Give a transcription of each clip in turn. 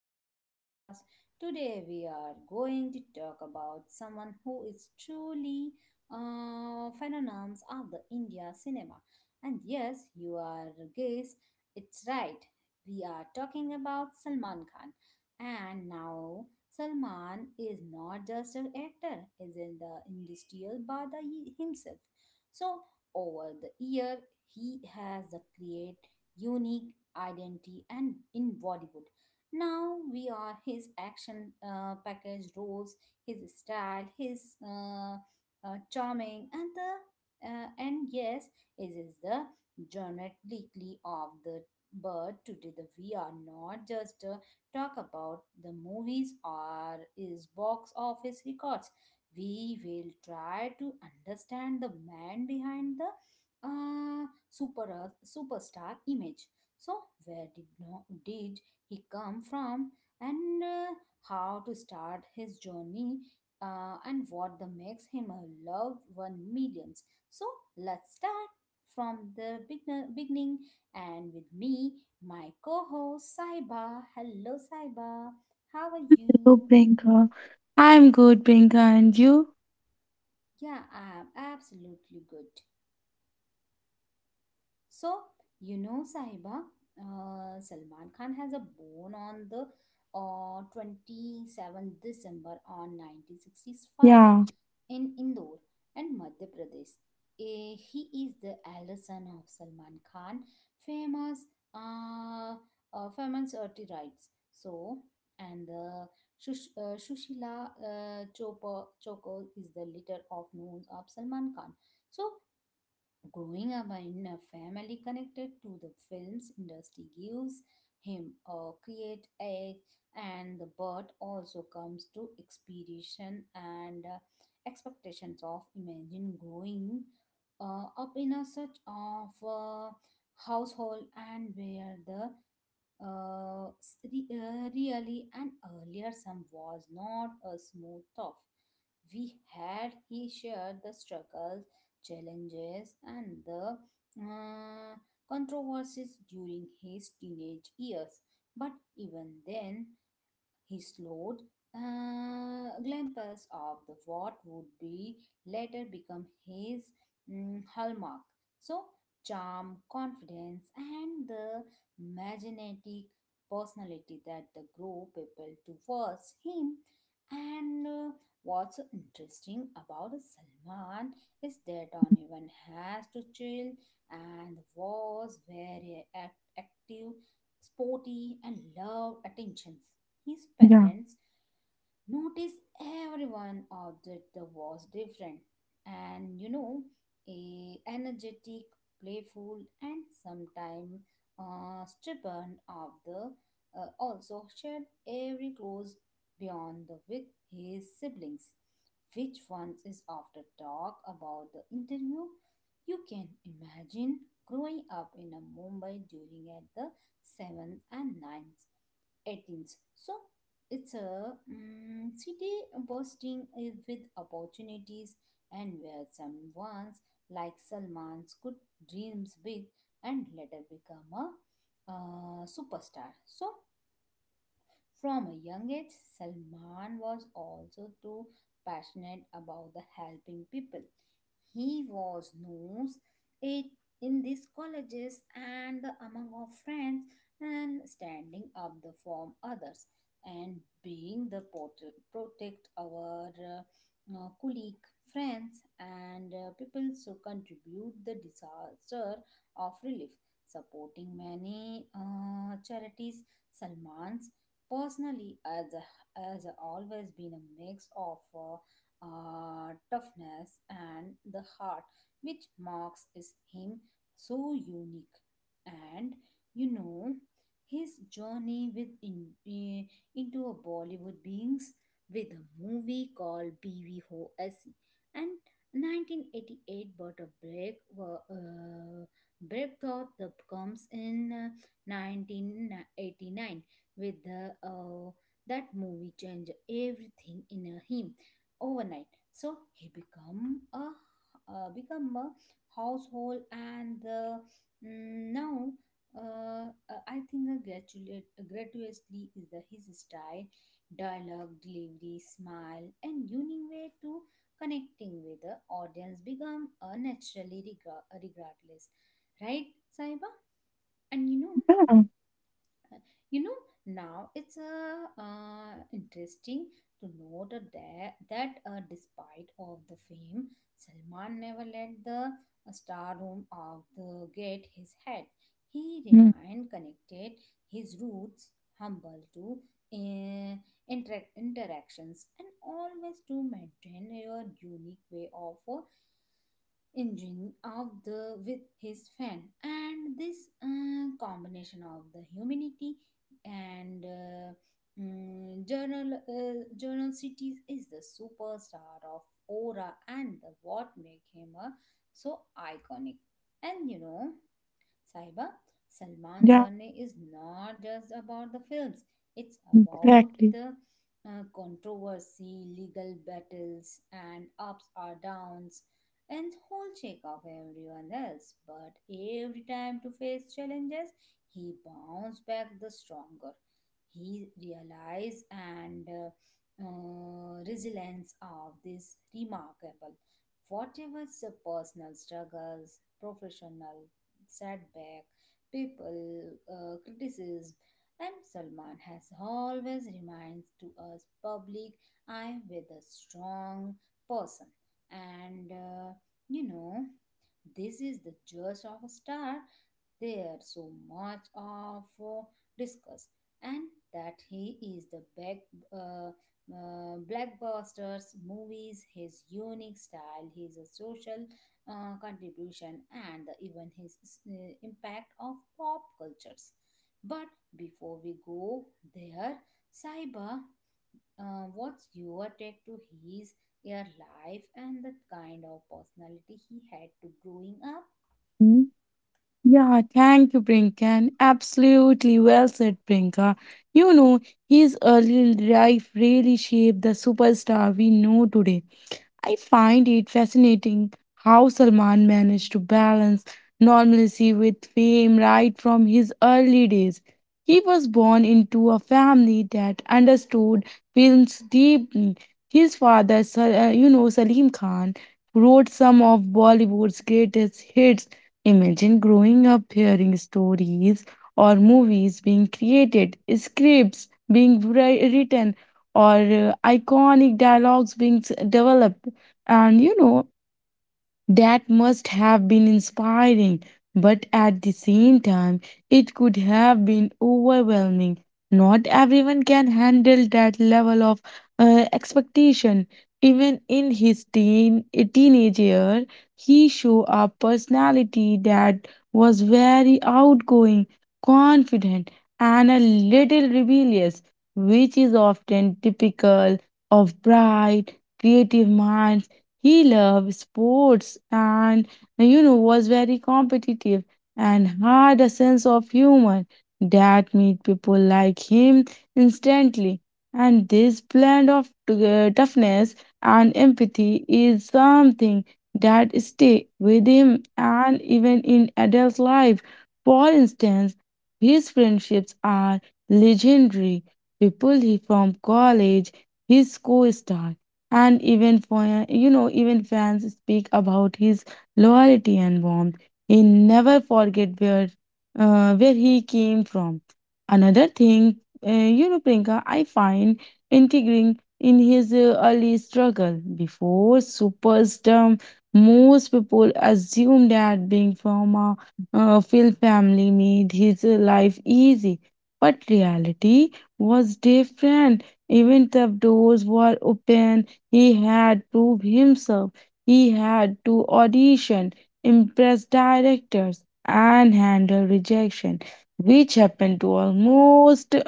our podcast. Today we are going to talk about someone who is truly phenomenon of the India cinema. And yes, you are guess it's right. We are talking about Salman Khan. And now Salman is not just an actor, is in the industrial by himself. So over the year, he has the create unique identity and in Bollywood. Now we are his action package roles, his style, his charming, and the and yes, it is the genetically of the bird. Today, the we are not just talk about the movies or his box office records. We will try to understand the man behind the superstar image. So, where did, no, did he come from, and how to start his journey, and what the makes him a loved one millions? So, let's start from the beginning. And with me, my co-host Saiba. Hello, Saiba. How are Hello, you? Priyanka. I'm good, Priyanka, and you? Yeah, I am absolutely good. So, Sahiba, Salman Khan has a bone on the 27th December on 1965 Yeah, in Indore and Madhya Pradesh. Eh, he is the elder son of Salman Khan, famous uh, famous writes. So, and the Shushila Choko is the leader of known of Salman Khan. So, growing up in a family connected to the films industry gives him a create edge, and the bird also comes to expedition and expectations of imagine growing up in a such of a household and where the really and earlier some was not a smooth off we had he shared the struggles challenges and the uh, controversies during his teenage years, but even then his slowed glimpses of the what would be later become his hallmark. So charm, confidence, and the magnetic personality that the grow people towards him. And what's so interesting about Salman is that on even has to chill and was very active, sporty, and loved attentions. His yeah, parents noticed everyone object that was different, and you know a energetic playful and sometimes stubborn of the also shared every close beyond the with his siblings which once is after talk about the interview. You can imagine growing up in a Mumbai during at the 7th and ninth. 18s. So it's a city bursting with opportunities and where some ones like Salman's could dreams big and later become a superstar. So from a young age, Salman was also too passionate about the helping people. He was knows it in these colleges and the among our friends and standing up the for others and being the protect our colleague friends and people so contribute the disaster of relief supporting many charities. Salman's personally, as has always been a mix of toughness and the heart, which marks is him so unique. And you know, his journey into a Bollywood beings with a movie called BVHOSE and 1988, but a break thought that comes in 1989 with the that movie changed everything in him overnight, so he become a uh, become a household and the now I think a gratuitously is the his style, dialogue, delivery, smile, and unique way to connecting with the audience become naturally regardless, right, Saiba? And yeah, uh, you know now it's interesting to note that despite of the fame Salman never let the star room of the get his head. He Hmm. remained connected his roots humble to uh, interactions and always to maintain your unique way of engine of the with his fan, and this combination of the humanity and journal cities is the superstar of aura and the what make him so iconic. And you know, Saiba, Salman yeah, journey is not just about the films, it's about exactly. the controversy, legal battles, and ups or downs, and whole check of everyone else. But every time to face challenges, he bounced back the stronger. He realized and resilience of this remarkable. Whatever the personal struggles, professional setback, people, criticism, and Salman has always reminds to us public I am with a strong person, and you know this is the just of a star there so much of discuss, and that he is the back, uh, blackbusters movies, his unique style, his social contribution, and even his impact of pop cultures. But before we go there, Saiba, what's your take to his your life and the kind of personality he had to growing up? Hmm. Yeah, thank you, Priyanka. And Absolutely well said, Priyanka. You know, his early life really shaped the superstar we know today. I find it fascinating how Salman managed to balance normalcy with fame right from his early days. He was born into a family that understood films deeply. His father, Salim Khan, wrote some of Bollywood's greatest hits. Imagine growing up hearing stories or movies being created, scripts being written, or iconic dialogues being developed. And you know, that must have been inspiring, but at the same time, it could have been overwhelming. Not everyone can handle that level of expectation. Even in his teenage year, he showed a personality that was very outgoing, confident, and a little rebellious, which is often typical of bright, creative minds. He loved sports and, you know, was very competitive and had a sense of humor that made people like him instantly. And this blend of toughness and empathy is something that stay with him and even in adult life. For instance, his friendships are legendary. People he from college, his co-star and even for you know, even fans speak about his loyalty and warmth. He never forget where he came from. Another thing, you know, Priyanka, I find intriguing in his early struggle before superstardom. Most people assume that being from a film family made his life easy, but reality was different. Even the doors were open, he had to prove himself. He had to audition, impress directors, and handle rejection, which happened to almost,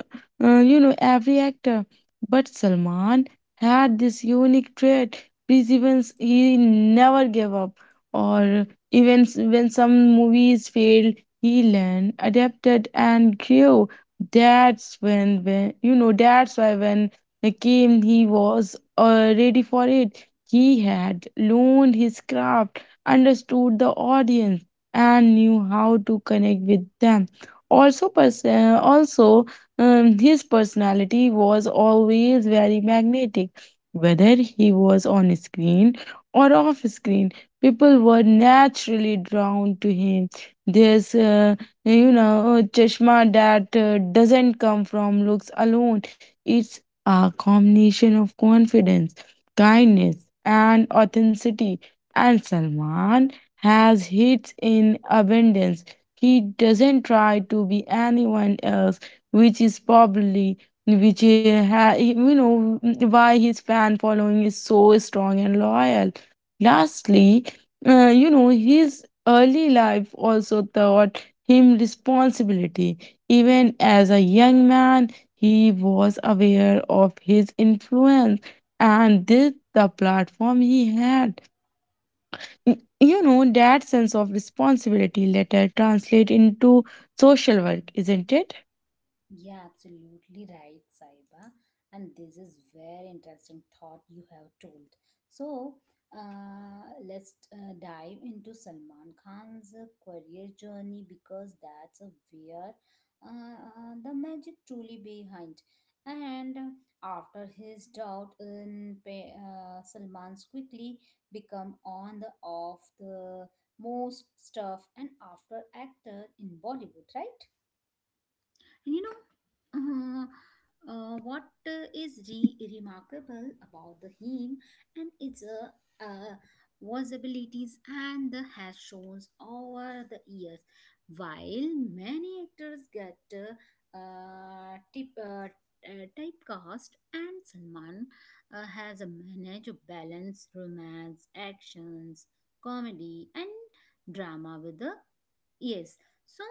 you know, every actor. But Salman had this unique trait, perseverance. He never gave up, or even when some movies failed, he learned, adapted, and grew. That's when you know, that's why when he came, he was ready for it. He had learned his craft, understood the audience, and knew how to connect with them. Also his personality was always very magnetic. Whether he was on screen or off screen, people were naturally drawn to him. There's, uh, you know, a chashma that doesn't come from looks alone. It's a combination of confidence, kindness, and authenticity. And Salman has hits in abundance. He doesn't try to be anyone else, which is probably which he ha- you know why his fan following is so strong and loyal. Lastly, you know, his early life also taught him responsibility. Even as a young man, he was aware of his influence and did the platform he had. You know, that sense of responsibility later translate into social work, isn't it? Yeah, absolutely right, Saiba. And this is very interesting thought you have told. So, let's dive into Salman Khan's career journey, because that's where the magic truly behind. And after his Salman's quickly become on the off the most stuff and after actor in Bollywood, right? And you know, what is remarkable about the hymn and its visibilities and the has shown over the years. While many actors get typecast, and Salman has a manage a balance romance, actions, comedy, and drama with the yes. So,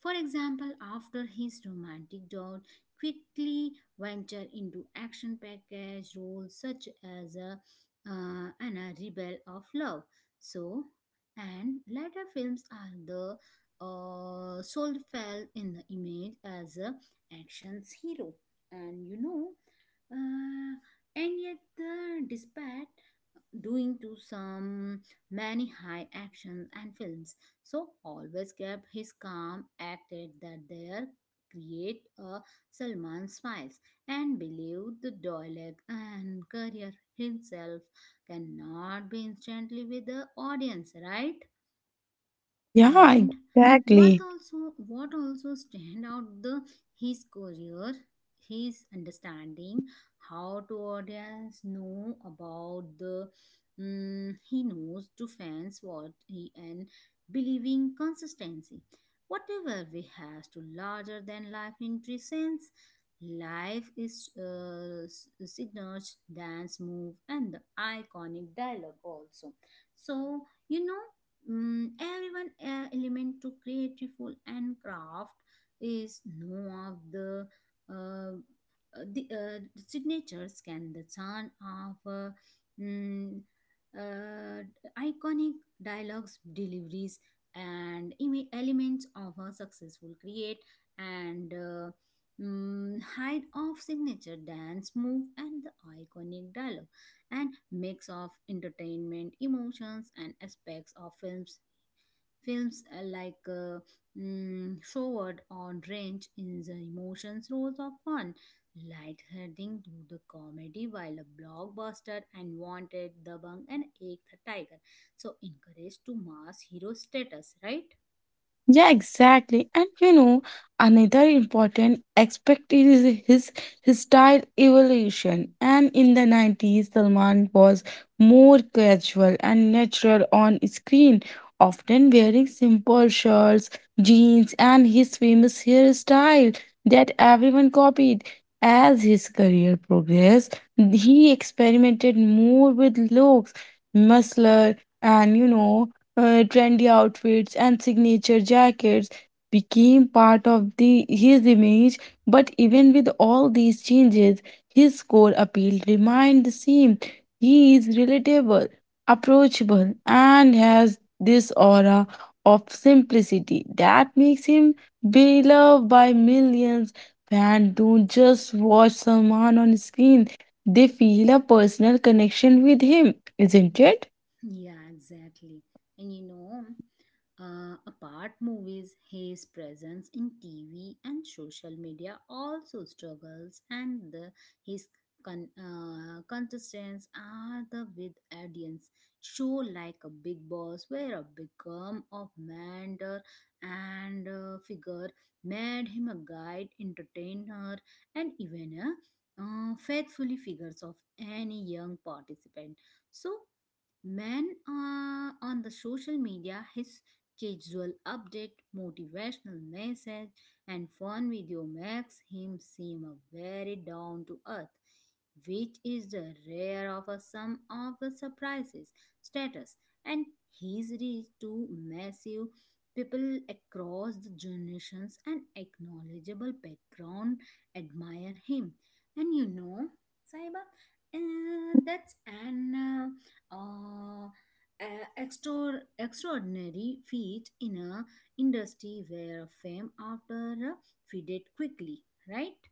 for example, after his romantic dawn, quickly venture into action package roles such as a and a rebel of love. So, and later films are the soul fell in the image as a action hero, and you know, uh, and yet the despite doing to some many high actions and films, so always kept his calm, acted that there create a Salman smiles, and believed the dialogue and career himself cannot be instantly with the audience, right? Yeah, And exactly. What also stand out the his career his understanding how to audience know about the he knows to fans what he and believing consistency whatever we has to larger than life interests life is signals dance move and the iconic dialogue also. So you know, everyone element to creative and craft is no of the uh, signatures can the turn of mm, uh, iconic dialogues deliveries and elements of a successful create, and hide of signature dance move and the iconic dialogue and mix of entertainment, emotions, and aspects of films. Films showed on range in the emotions roles of fun, light-heading to the comedy, while a blockbuster and Wanted, The Bung, and Ek the Tiger. So encouraged to mass hero status, right? Yeah, exactly. And you know, another important aspect is his style evolution. And in the '90s, Salman was more casual and natural on screen, often wearing simple shirts, jeans, and his famous hairstyle that everyone copied. As his career progressed, he experimented more with looks, muscular, and you know, trendy outfits and signature jackets became part of the his image. But even with all these changes, his core appeal remained the same. He is relatable, approachable, and has this aura of simplicity that makes him beloved by millions. Fans don't just watch someone on screen, they feel a personal connection with him, isn't it? Yeah, exactly. And you know, apart movies, his presence in TV and social media also struggles, and the, his contestants are the with audience show like a big boss where a become of mentor and figure made him a guide, entertainer, and even a faithfully figures of any young participant. So man on the social media, his casual update, motivational message, and fun video makes him seem a very down to earth, which is the rare of a sum of the surprises, status, and his reach to massive people across the generations and acknowledgeable background admire him. And you know, Saiba, that's an uh, extraordinary feat in a industry where fame after faded quickly, right?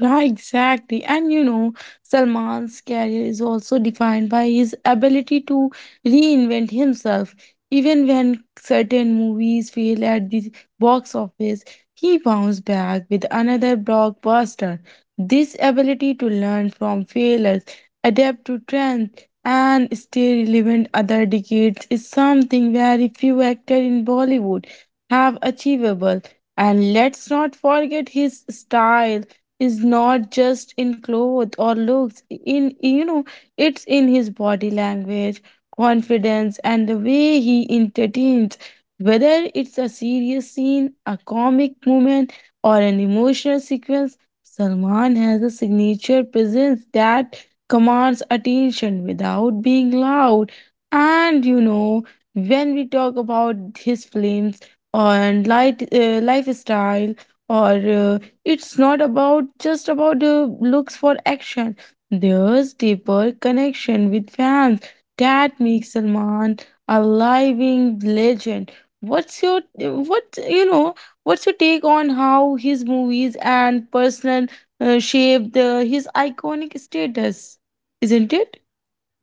Yeah, exactly. And you know, Salman's career is also defined by his ability to reinvent himself. Even when certain movies fail at the box office, he bounced back with another blockbuster. This ability to learn from failures, adapt to trends, and stay relevant other decades is something very few actors in Bollywood have achievable. And let's not forget his style is not just in clothes or looks, in you know, it's in his body language, confidence, and the way he entertains. Whether it's a serious scene, a comic moment, or an emotional sequence, Salman has a signature presence that commands attention without being loud. And you know, when we talk about his films and light lifestyle or uh, it's not about just about the looks for action. There's deeper connection with fans that makes Salman a living legend. What's your what you know? What's your take on how his movies and personal shaped his iconic status? Isn't it?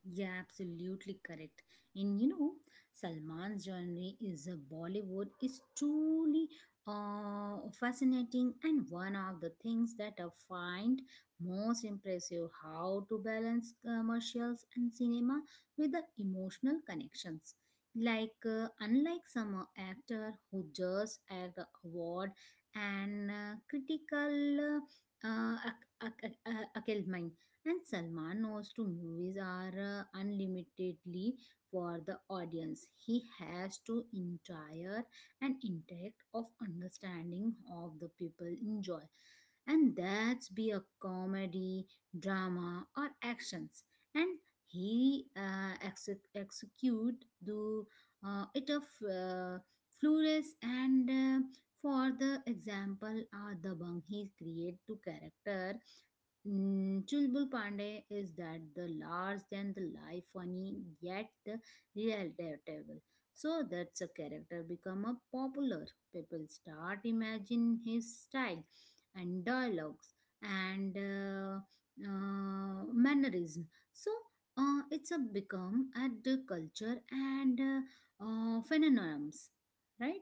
Yeah, absolutely correct. And you know, Salman's journey is a Bollywood is truly fascinating, and one of the things that I find most impressive how to balance commercials and cinema with the emotional connections. Like unlike some actor who just act award and critical uh, uh, ac- ac- ac- uh, acclaim. And Salman knows two movies are unlimitedly for the audience. He has to entire an intact of understanding of the people enjoy. And that's be a comedy, drama or actions. And he execute the it of flawless and for the example are the bang he create two character. Chulbul Pandey is that the large than the life funny yet the relatable. So that's a character become a popular. People start imagine his style and dialogues and mannerism. So it's a become at the culture and phenomenons, right?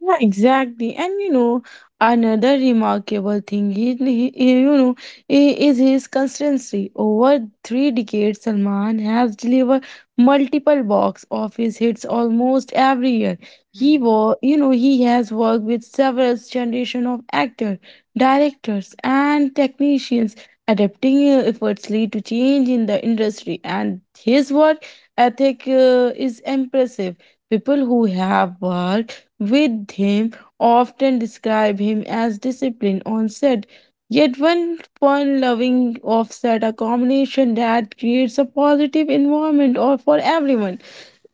Yeah, exactly. And you know, another remarkable thing is his consistency. Over three decades, Salman has delivered multiple box office hits almost every year. He Hmm. was, you know, he has worked with several generation of actors, directors, and technicians, adapting effortlessly to change in the industry. And his work ethic is impressive. People who have worked with him often describe him as disciplined on set. Yet one fun loving offset, a combination that creates a positive environment or for everyone.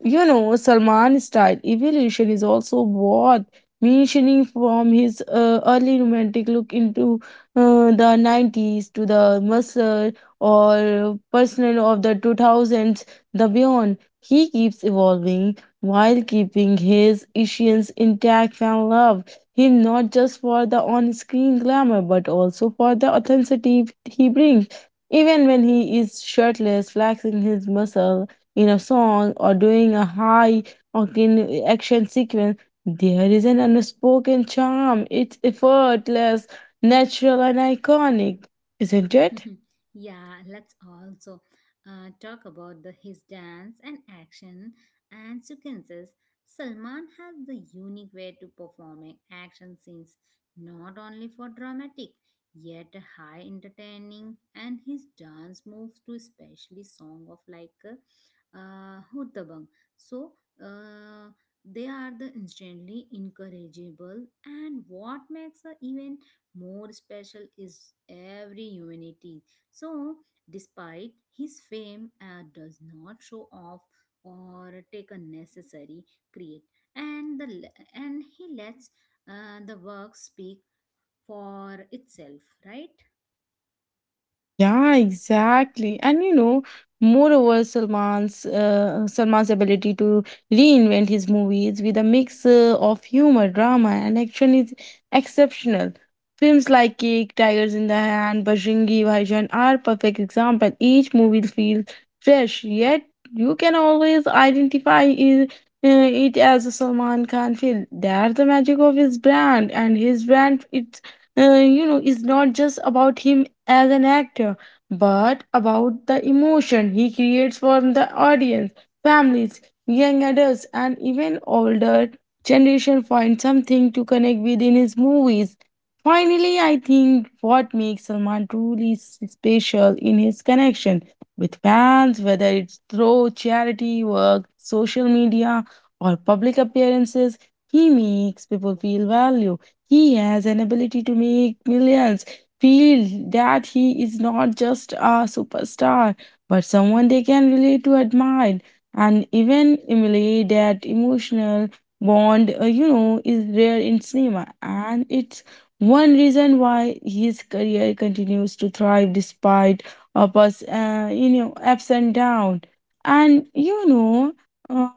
You know, Salman's style evolution is also worth mentioning, from his early romantic look into the '90s to the muscle or personal of the 2000s, the beyond. He keeps evolving while keeping his essence intact and love him not just for the on-screen glamour but also for the authenticity he brings. Even when he is shirtless flexing his muscle in a song or doing a high or in action sequence, there is an unspoken charm. It's effortless, natural, and iconic, isn't it? Yeah, let's also talk about the his dance and action and sequences. Salman has the unique way to performing action scenes, not only for dramatic, yet high entertaining, and his dance moves to especially song of like Huttabang. So uh, they are the instantly encourageable, and what makes a even more special is every humanity. So, despite his fame, does not show off or take a necessary create, and the and he lets the work speak for itself, right? Yeah, exactly. And you know, moreover, Salman's ability to reinvent his movies with a mix of humor, drama, and action is exceptional. Films like Cake, Tigers in the Hand, Bajrangi Bhaijaan are perfect example. Each movie feels fresh, yet you can always identify it as a Salman Khan film. That's the magic of his brand, and his brand it you know is not just about him as an actor but about the emotion he creates for the audience. Families, young adults, and even older generation find something to connect with in his movies. Finally, I think what makes Salman truly special in his connection with fans, whether it's through charity work, social media, or public appearances, he makes people feel valued. He has an ability to make millions feel that he is not just a superstar, but someone they can relate to, admire, and even emulate. That emotional bond, is rare in cinema, and it's one reason why his career continues to thrive despite ups and downs. And you know, uh,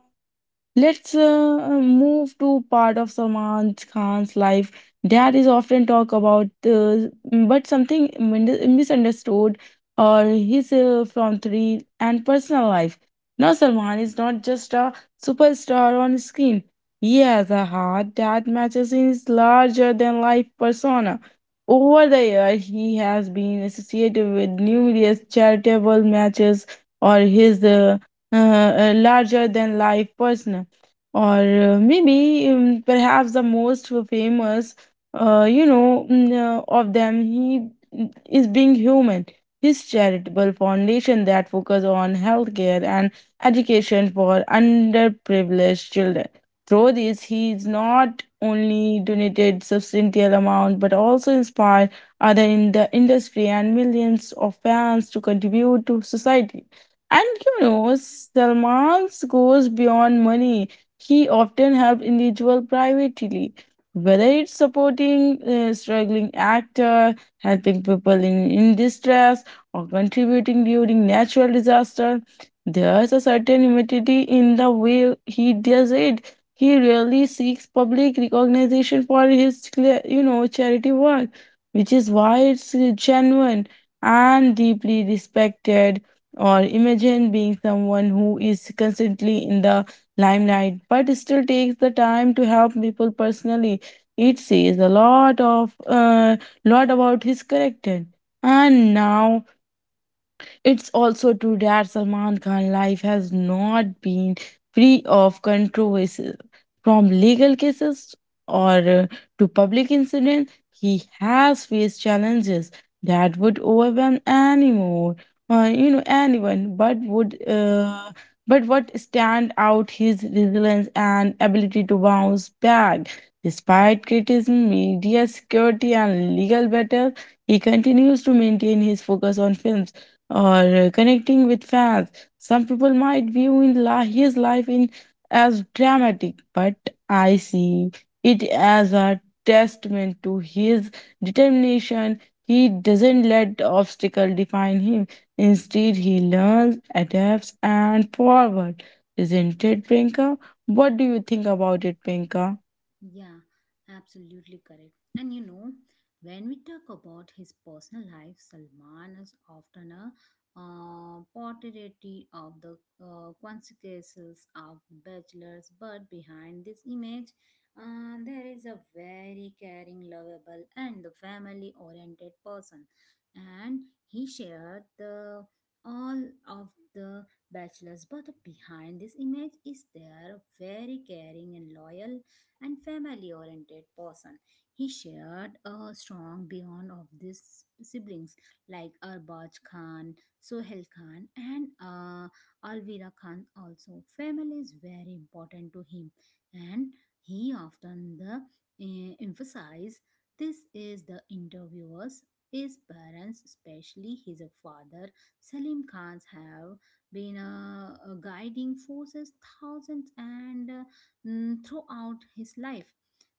let's move to part of Salman Khan's life that is often talked about, but something misunderstood, or his from three and personal life. Now, Salman is not just a superstar on screen. He has a heart that matches his larger than life persona. Over the years, he has been associated with numerous charitable matches or his larger than life persona or maybe perhaps the most famous of them he is being human, his charitable foundation that focuses on healthcare and education for underprivileged children. Through this he is not only donated substantial amount but also inspired other in the industry and millions of fans to contribute to society. And you know, Salman's goes beyond money. He often helped individuals privately, whether it's supporting a struggling actor, helping people in distress, or contributing during natural disaster. There's a certain humility in the way he does it. He really seeks public recognition for his, charity work, which is why it's genuine and deeply respected, or imagine being someone who is constantly in the limelight, but still takes the time to help people personally. It says a lot about his character. And now it's also true that Salman Khan life has not been free of controversies. From legal cases or to public incidents, he has faced challenges that would overwhelm anyone, anyone. But what stand out his resilience and ability to bounce back. Despite criticism, media security, and legal battles, he continues to maintain his focus on films or connecting with fans. Some people might view in his life in as dramatic, but I see it as a testament to his determination. He doesn't let obstacle define him. Instead, he learns, adapts, and forward. Isn't it, Priyanka? What do you think about it, Priyanka? Yeah, absolutely correct. And you know, when we talk about his personal life, Salman is often a portrait of the consequences of bachelors, but behind this image, there is a very caring, lovable, and the family oriented person. And he shared the all of the bachelors, but behind this image is there a very caring and loyal and family oriented person. He shared a strong bond of these siblings like Arbaj Khan, Sohel Khan, and Alvira Khan also. Family is very important to him, and he often the emphasize this is the interviewers. His parents, especially his father Salim Khan's, have been guiding forces thousands and throughout his life.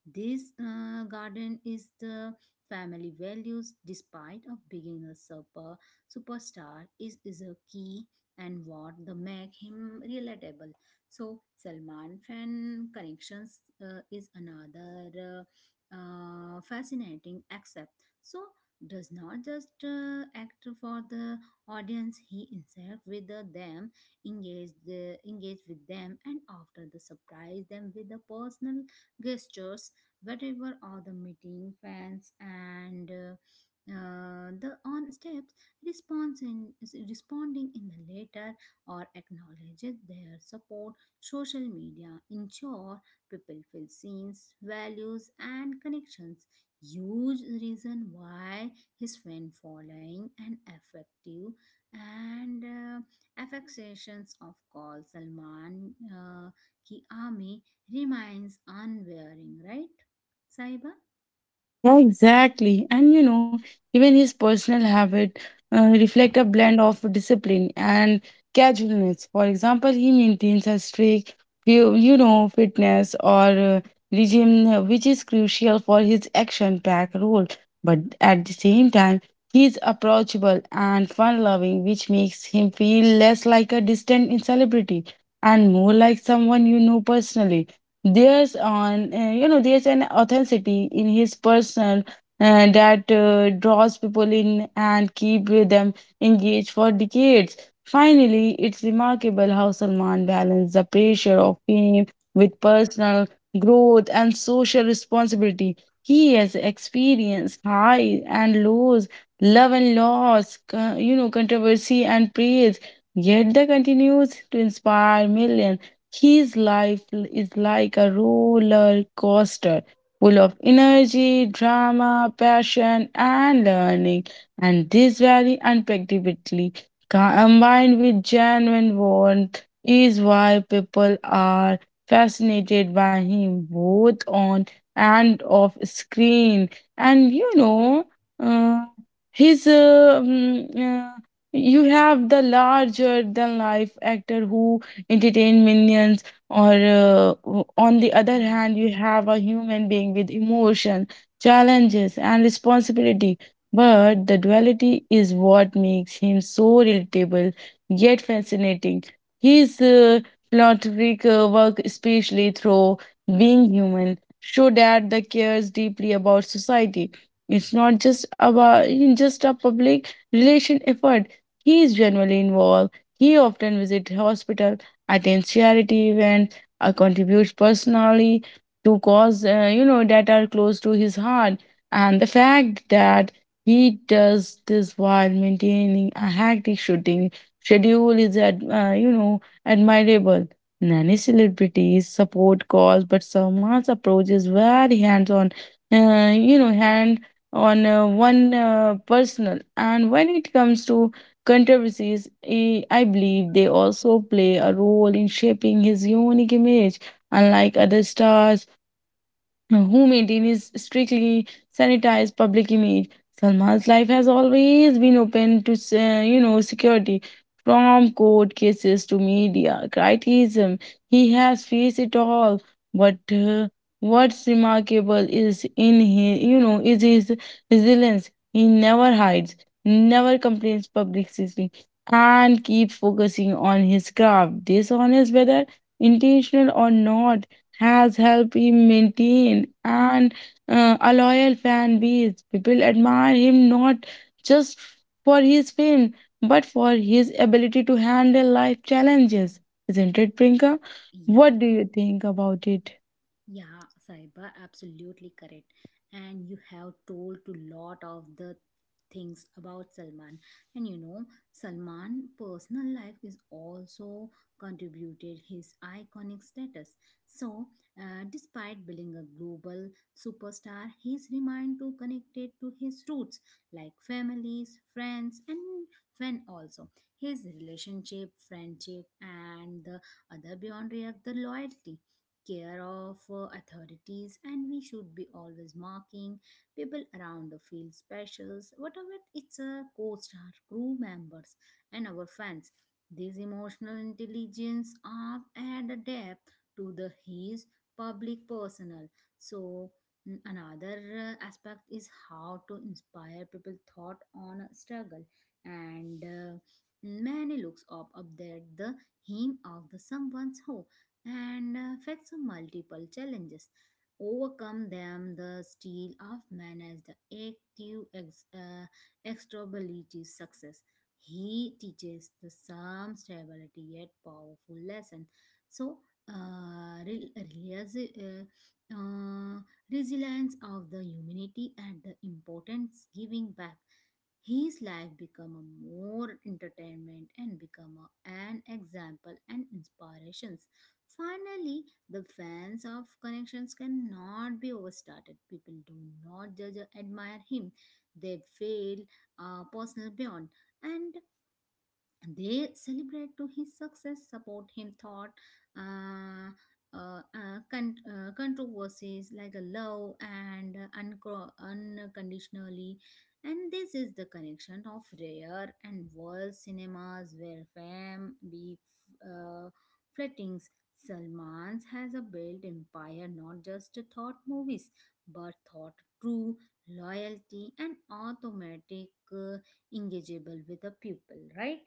This garden is the family values, despite of being a super superstar, is a key and what the make him relatable. So Salman fan connections is another fascinating accept. So does not just act for the audience; he himself with the them engage with them and after the surprise them with the personal gestures whatever are the meeting fans and the on steps is responding in the letter or acknowledges their support social media ensure people feel seen values and connections huge reason why his fan following and effective and affectations of call Salman ki army remains unwearing, right? Saiba? Yeah, exactly. And you know, even his personal habit reflect a blend of discipline and casualness. For example, he maintains a strict, you know, fitness or regime, which is crucial for his action-packed role. But at the same time, he is approachable and fun-loving, which makes him feel less like a distant celebrity and more like someone you know personally. There's on you know there's an authenticity in his personal that draws people in and keep with them engaged for decades. Finally, it's remarkable how Salman balanced the pressure of fame with personal growth and social responsibility. He has experienced highs and lows, love and loss, controversy and praise. Yet, the continues to inspire millions his life is like a roller coaster, full of energy, drama, passion, and learning. And this very unpredictability, combined with genuine warmth, is why people are fascinated by him both on and off screen. And you know, uh, his mm, You have the larger than life actor who entertain minions on the other Hmm. hand you have a human being with emotion challenges and responsibility, but the duality is what makes him so relatable yet fascinating. His philanthropic work, especially through being human, show that the cares deeply about society. It's not just about just a public relation effort, he is genuinely involved. He often visits hospitals, attends charity events, contributes personally to cause that are close to his heart. And the fact that he does this while maintaining a hectic shooting schedule is admirable. Many celebrities support cause, but Salman's approach is very hands-on. Hand on one personal. And when it comes to Controversies, I believe they also play a role in shaping his unique image. Unlike other stars, who maintains strictly sanitized public image. Salman's life has always been open to security, from court cases to media criticism. He has faced it all. But what's remarkable is in his is his resilience. He never hides, never complains publicly, and keeps focusing on his craft, dishonest whether intentional or not has helped him maintain and a loyal fan base. People admire him not just for his fame but for his ability to handle life challenges. Isn't it, Prinka? Yeah. What do you think about it? Yeah, Saiba, absolutely correct. And you have told to lot of the things about Salman. And you know, Salman' personal life is also contributed his iconic status. So, despite being a global superstar, he's remained to connected to his roots, like families, friends, and fan also. His relationship, friendship, and the other beyond react the loyalty care of authorities and we should be always marking people around the field specials whatever it's a co-star crew members and our fans, this emotional intelligence are add a depth to the his public personal. So another aspect is how to inspire people thought on a struggle and many looks up there the hymn of the someone's hope and faced multiple challenges. Overcome them, the steel of man as the active extrovability success. He teaches the some stability yet powerful lesson. So, re- realize- uh, resilience of the humanity and the importance giving back, his life become a more entertainment and become a- an example and inspirations. Finally, the fans of connections cannot be overstated. People do not judge or admire him. They feel personal beyond. And they celebrate to his success support him thought uh, controversies like a love and uncro- unconditionally, and this is the connection of rare and world cinemas where fame be uh, flettings. Salman's has a built empire not just thought movies but thought true loyalty and automatic engageable with the pupil, right?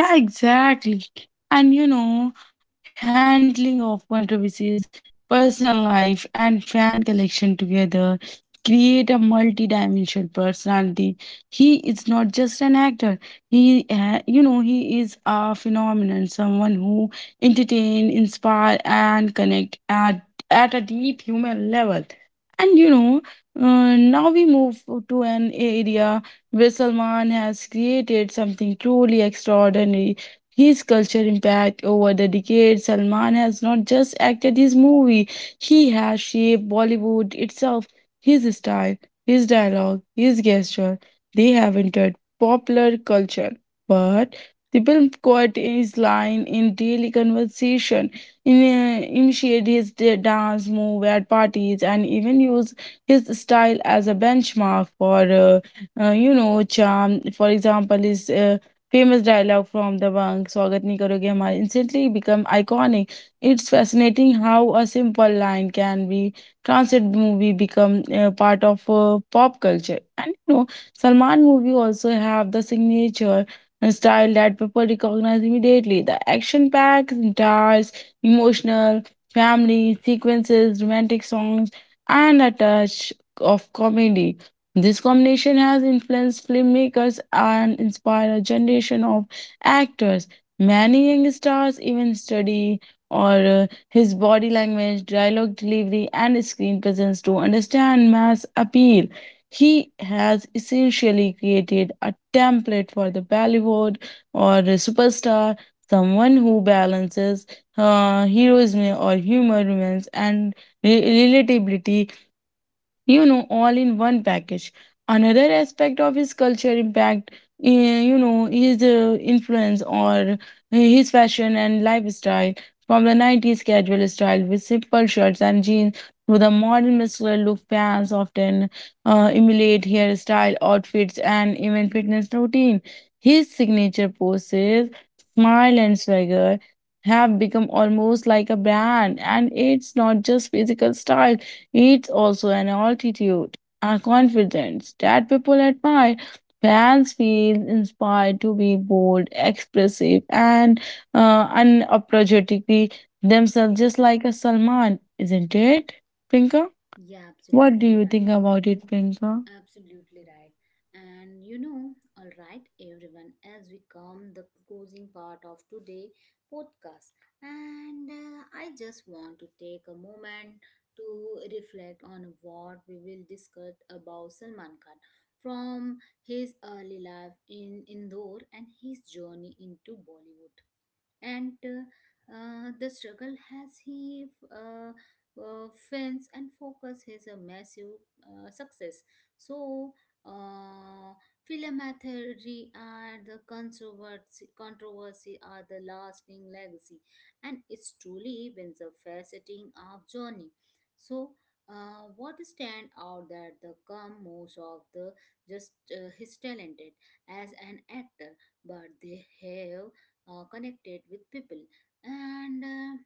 Yeah, exactly. And you know, handling of controversies, personal life, and fan collection together create a multi-dimensional personality. He is not just an actor. He, ha- you know, He is a phenomenon, someone who entertain, inspire, and connect at a deep human level. And you know, Now we move to an area where Salman has created something truly extraordinary. His culture impact over the decades, Salman has not just acted his movie, he has shaped Bollywood itself. His style, his dialogue, his gesture, they have entered popular culture. But the film caught his line in daily conversation, in, initiated his dance move at parties, and even used his style as a benchmark for charm. For example, is famous dialogue from the bank, Swagat nahi karoge hamare, instantly become iconic. It's fascinating how a simple line can be translated movie become part of pop culture. And you know, Salman movie also have the signature style that people recognize immediately. The action packs, stars, emotional, family sequences, romantic songs, and a touch of comedy this combination has influenced filmmakers and inspired a generation of actors. Many young stars even study or his body language, dialogue delivery, and screen presence to understand mass appeal. He has essentially created a template for the Bollywood or the superstar, someone who balances heroism or humor, romance, and relatability, you know, all in one package. Another aspect of his culture impact, eh, you know, his influence or his fashion and lifestyle from the 90s casual style with simple shirts and jeans to the modern muscular look, fans often emulate hairstyle, outfits, and even fitness routine. His signature poses, smile, and swagger have become almost like a brand, and it's not just physical style, it's also an altitude, a confidence that people admire. Fans feel inspired to be bold, expressive, and unapologetically themselves, just like a Salman, isn't it, Pinka? Yeah, What do absolutely you right. think about it, Pinka? Absolutely right. And you know, all right, everyone, as we come the closing part of today podcast, and I just want to take a moment to reflect on what we will discuss about Salman Khan from his early life in Indore and his journey into Bollywood and the struggle has he uh, fins and focus is a massive success. So uh, philomathy and the controversy are the lasting legacy, and it's truly been the faceting of journey. So what stand out that the come most of the just his talented as an actor, but they have connected with people and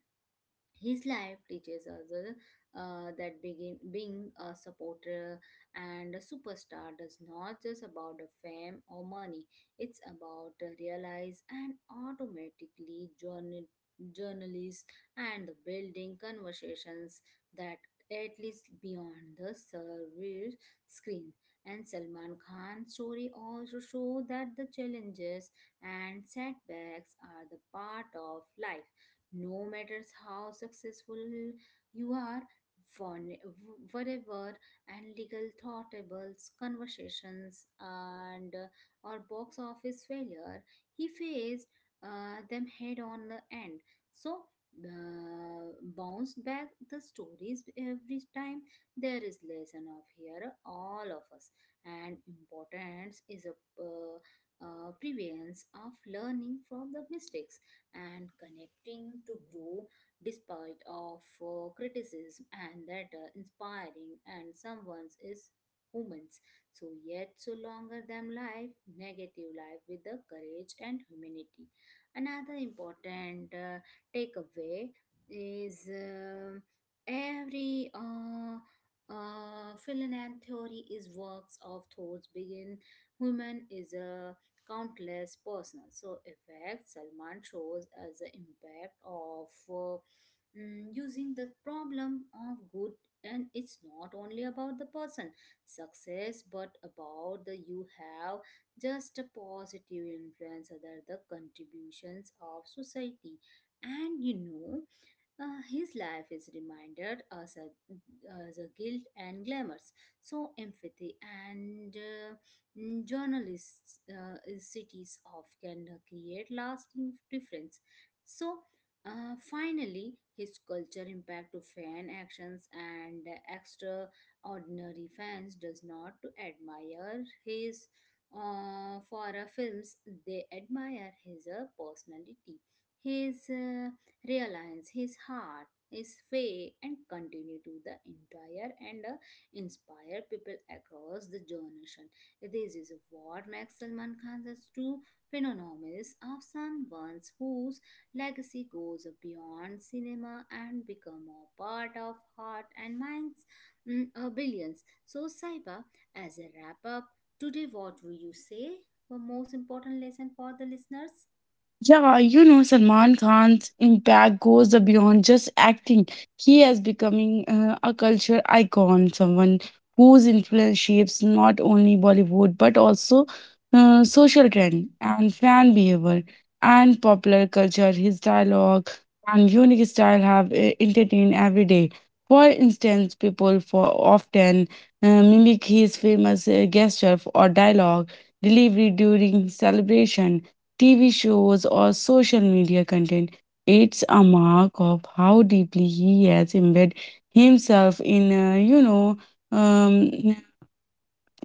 his life teaches us that begin, being a supporter and a superstar does not just about the fame or money. It's about the realize and automatically journal, journalists and the building conversations that at least beyond the service screen. And Salman Khan's story also show that the challenges and setbacks are the part of life, no matter how successful you are. One- whatever and legal thoughtables conversations and or box office failure, he faced them head on the end. So uh, bounced back the stories every time, there is lesson of here all of us, and importance is a uh, prevalence of learning from the mistakes and connecting to grow despite of criticism and that inspiring and someone's is humans. So yet so longer than life negative life with the courage and humanity. Another important takeaway is every Finland theory is works of thoughts begin human is a countless personal. So, effects. Salman shows as the impact of using the problem of good, and it's not only about the person success, but about the you have just a positive influence other the contributions of society. And you know his life is reminded as a guilt and glamours. So empathy and journalists cities of can create lasting difference. So finally, his culture impact to fan actions and extraordinary fans does not to admire his for a films. They admire his personality, his realize, his heart is fake and continue to the entire and inspire people across the generation. This is what makes Salman Khan's true phenomenon is of someone whose legacy goes beyond cinema and become a part of heart and minds billions. So Saiba, as a wrap up, today what will you say? The most important lesson for the listeners? Yeah, you know, Salman Khan's impact goes beyond just acting. He has becoming a culture icon, someone whose influence shapes not only Bollywood but also social trend and fan behavior and popular culture. His dialogue and unique style have entertained every day. For instance, people for often mimic his famous gesture or dialogue delivery during celebration TV shows, or social media content. It's a mark of how deeply he has embedded himself in, um,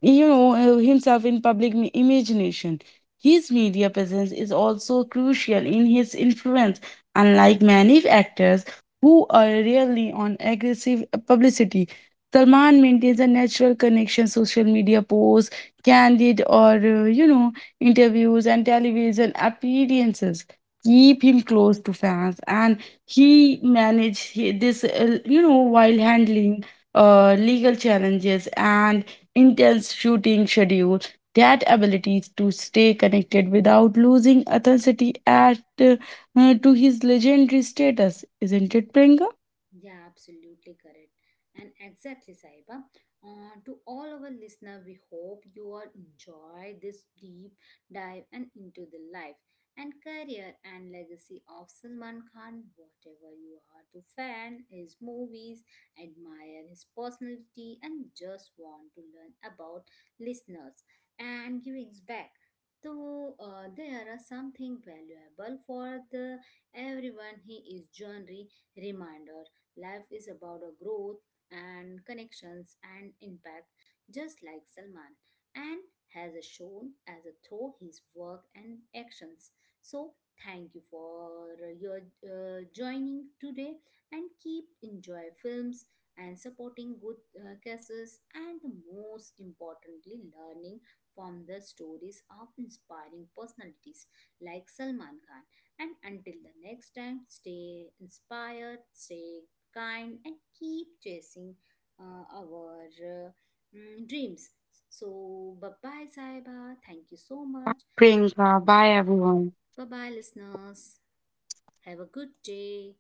himself in public imagination. His media presence is also crucial in his influence, unlike many actors who are rarely on aggressive publicity. Salman maintains a natural connection, social media posts, candid or interviews and television appearances keep him close to fans, and he managed this while handling legal challenges and intense shooting schedule, that ability to stay connected without losing authenticity at to his legendary status, isn't it, Priyanka? Yeah, absolutely correct. And exactly, Saiba. To all our listener, we hope you all enjoy this deep dive and into the life and career and legacy of Salman Khan. Whatever you are to fan his movies, admire his personality, and just want to learn about listeners and givings back. So there are something valuable for the everyone. He is journey reminder, life is about a growth and connections and impact, just like Salman, and has shown as a through his work and actions. So thank you for your joining today, and keep enjoy films and supporting good causes, and the most importantly, learning from the stories of inspiring personalities like Salman Khan. And until the next time, stay inspired, stay kind, and keep chasing our dreams. So, bye bye, Saiba. Thank you so much. Priyanka, bye everyone. Bye bye, listeners. Have a good day.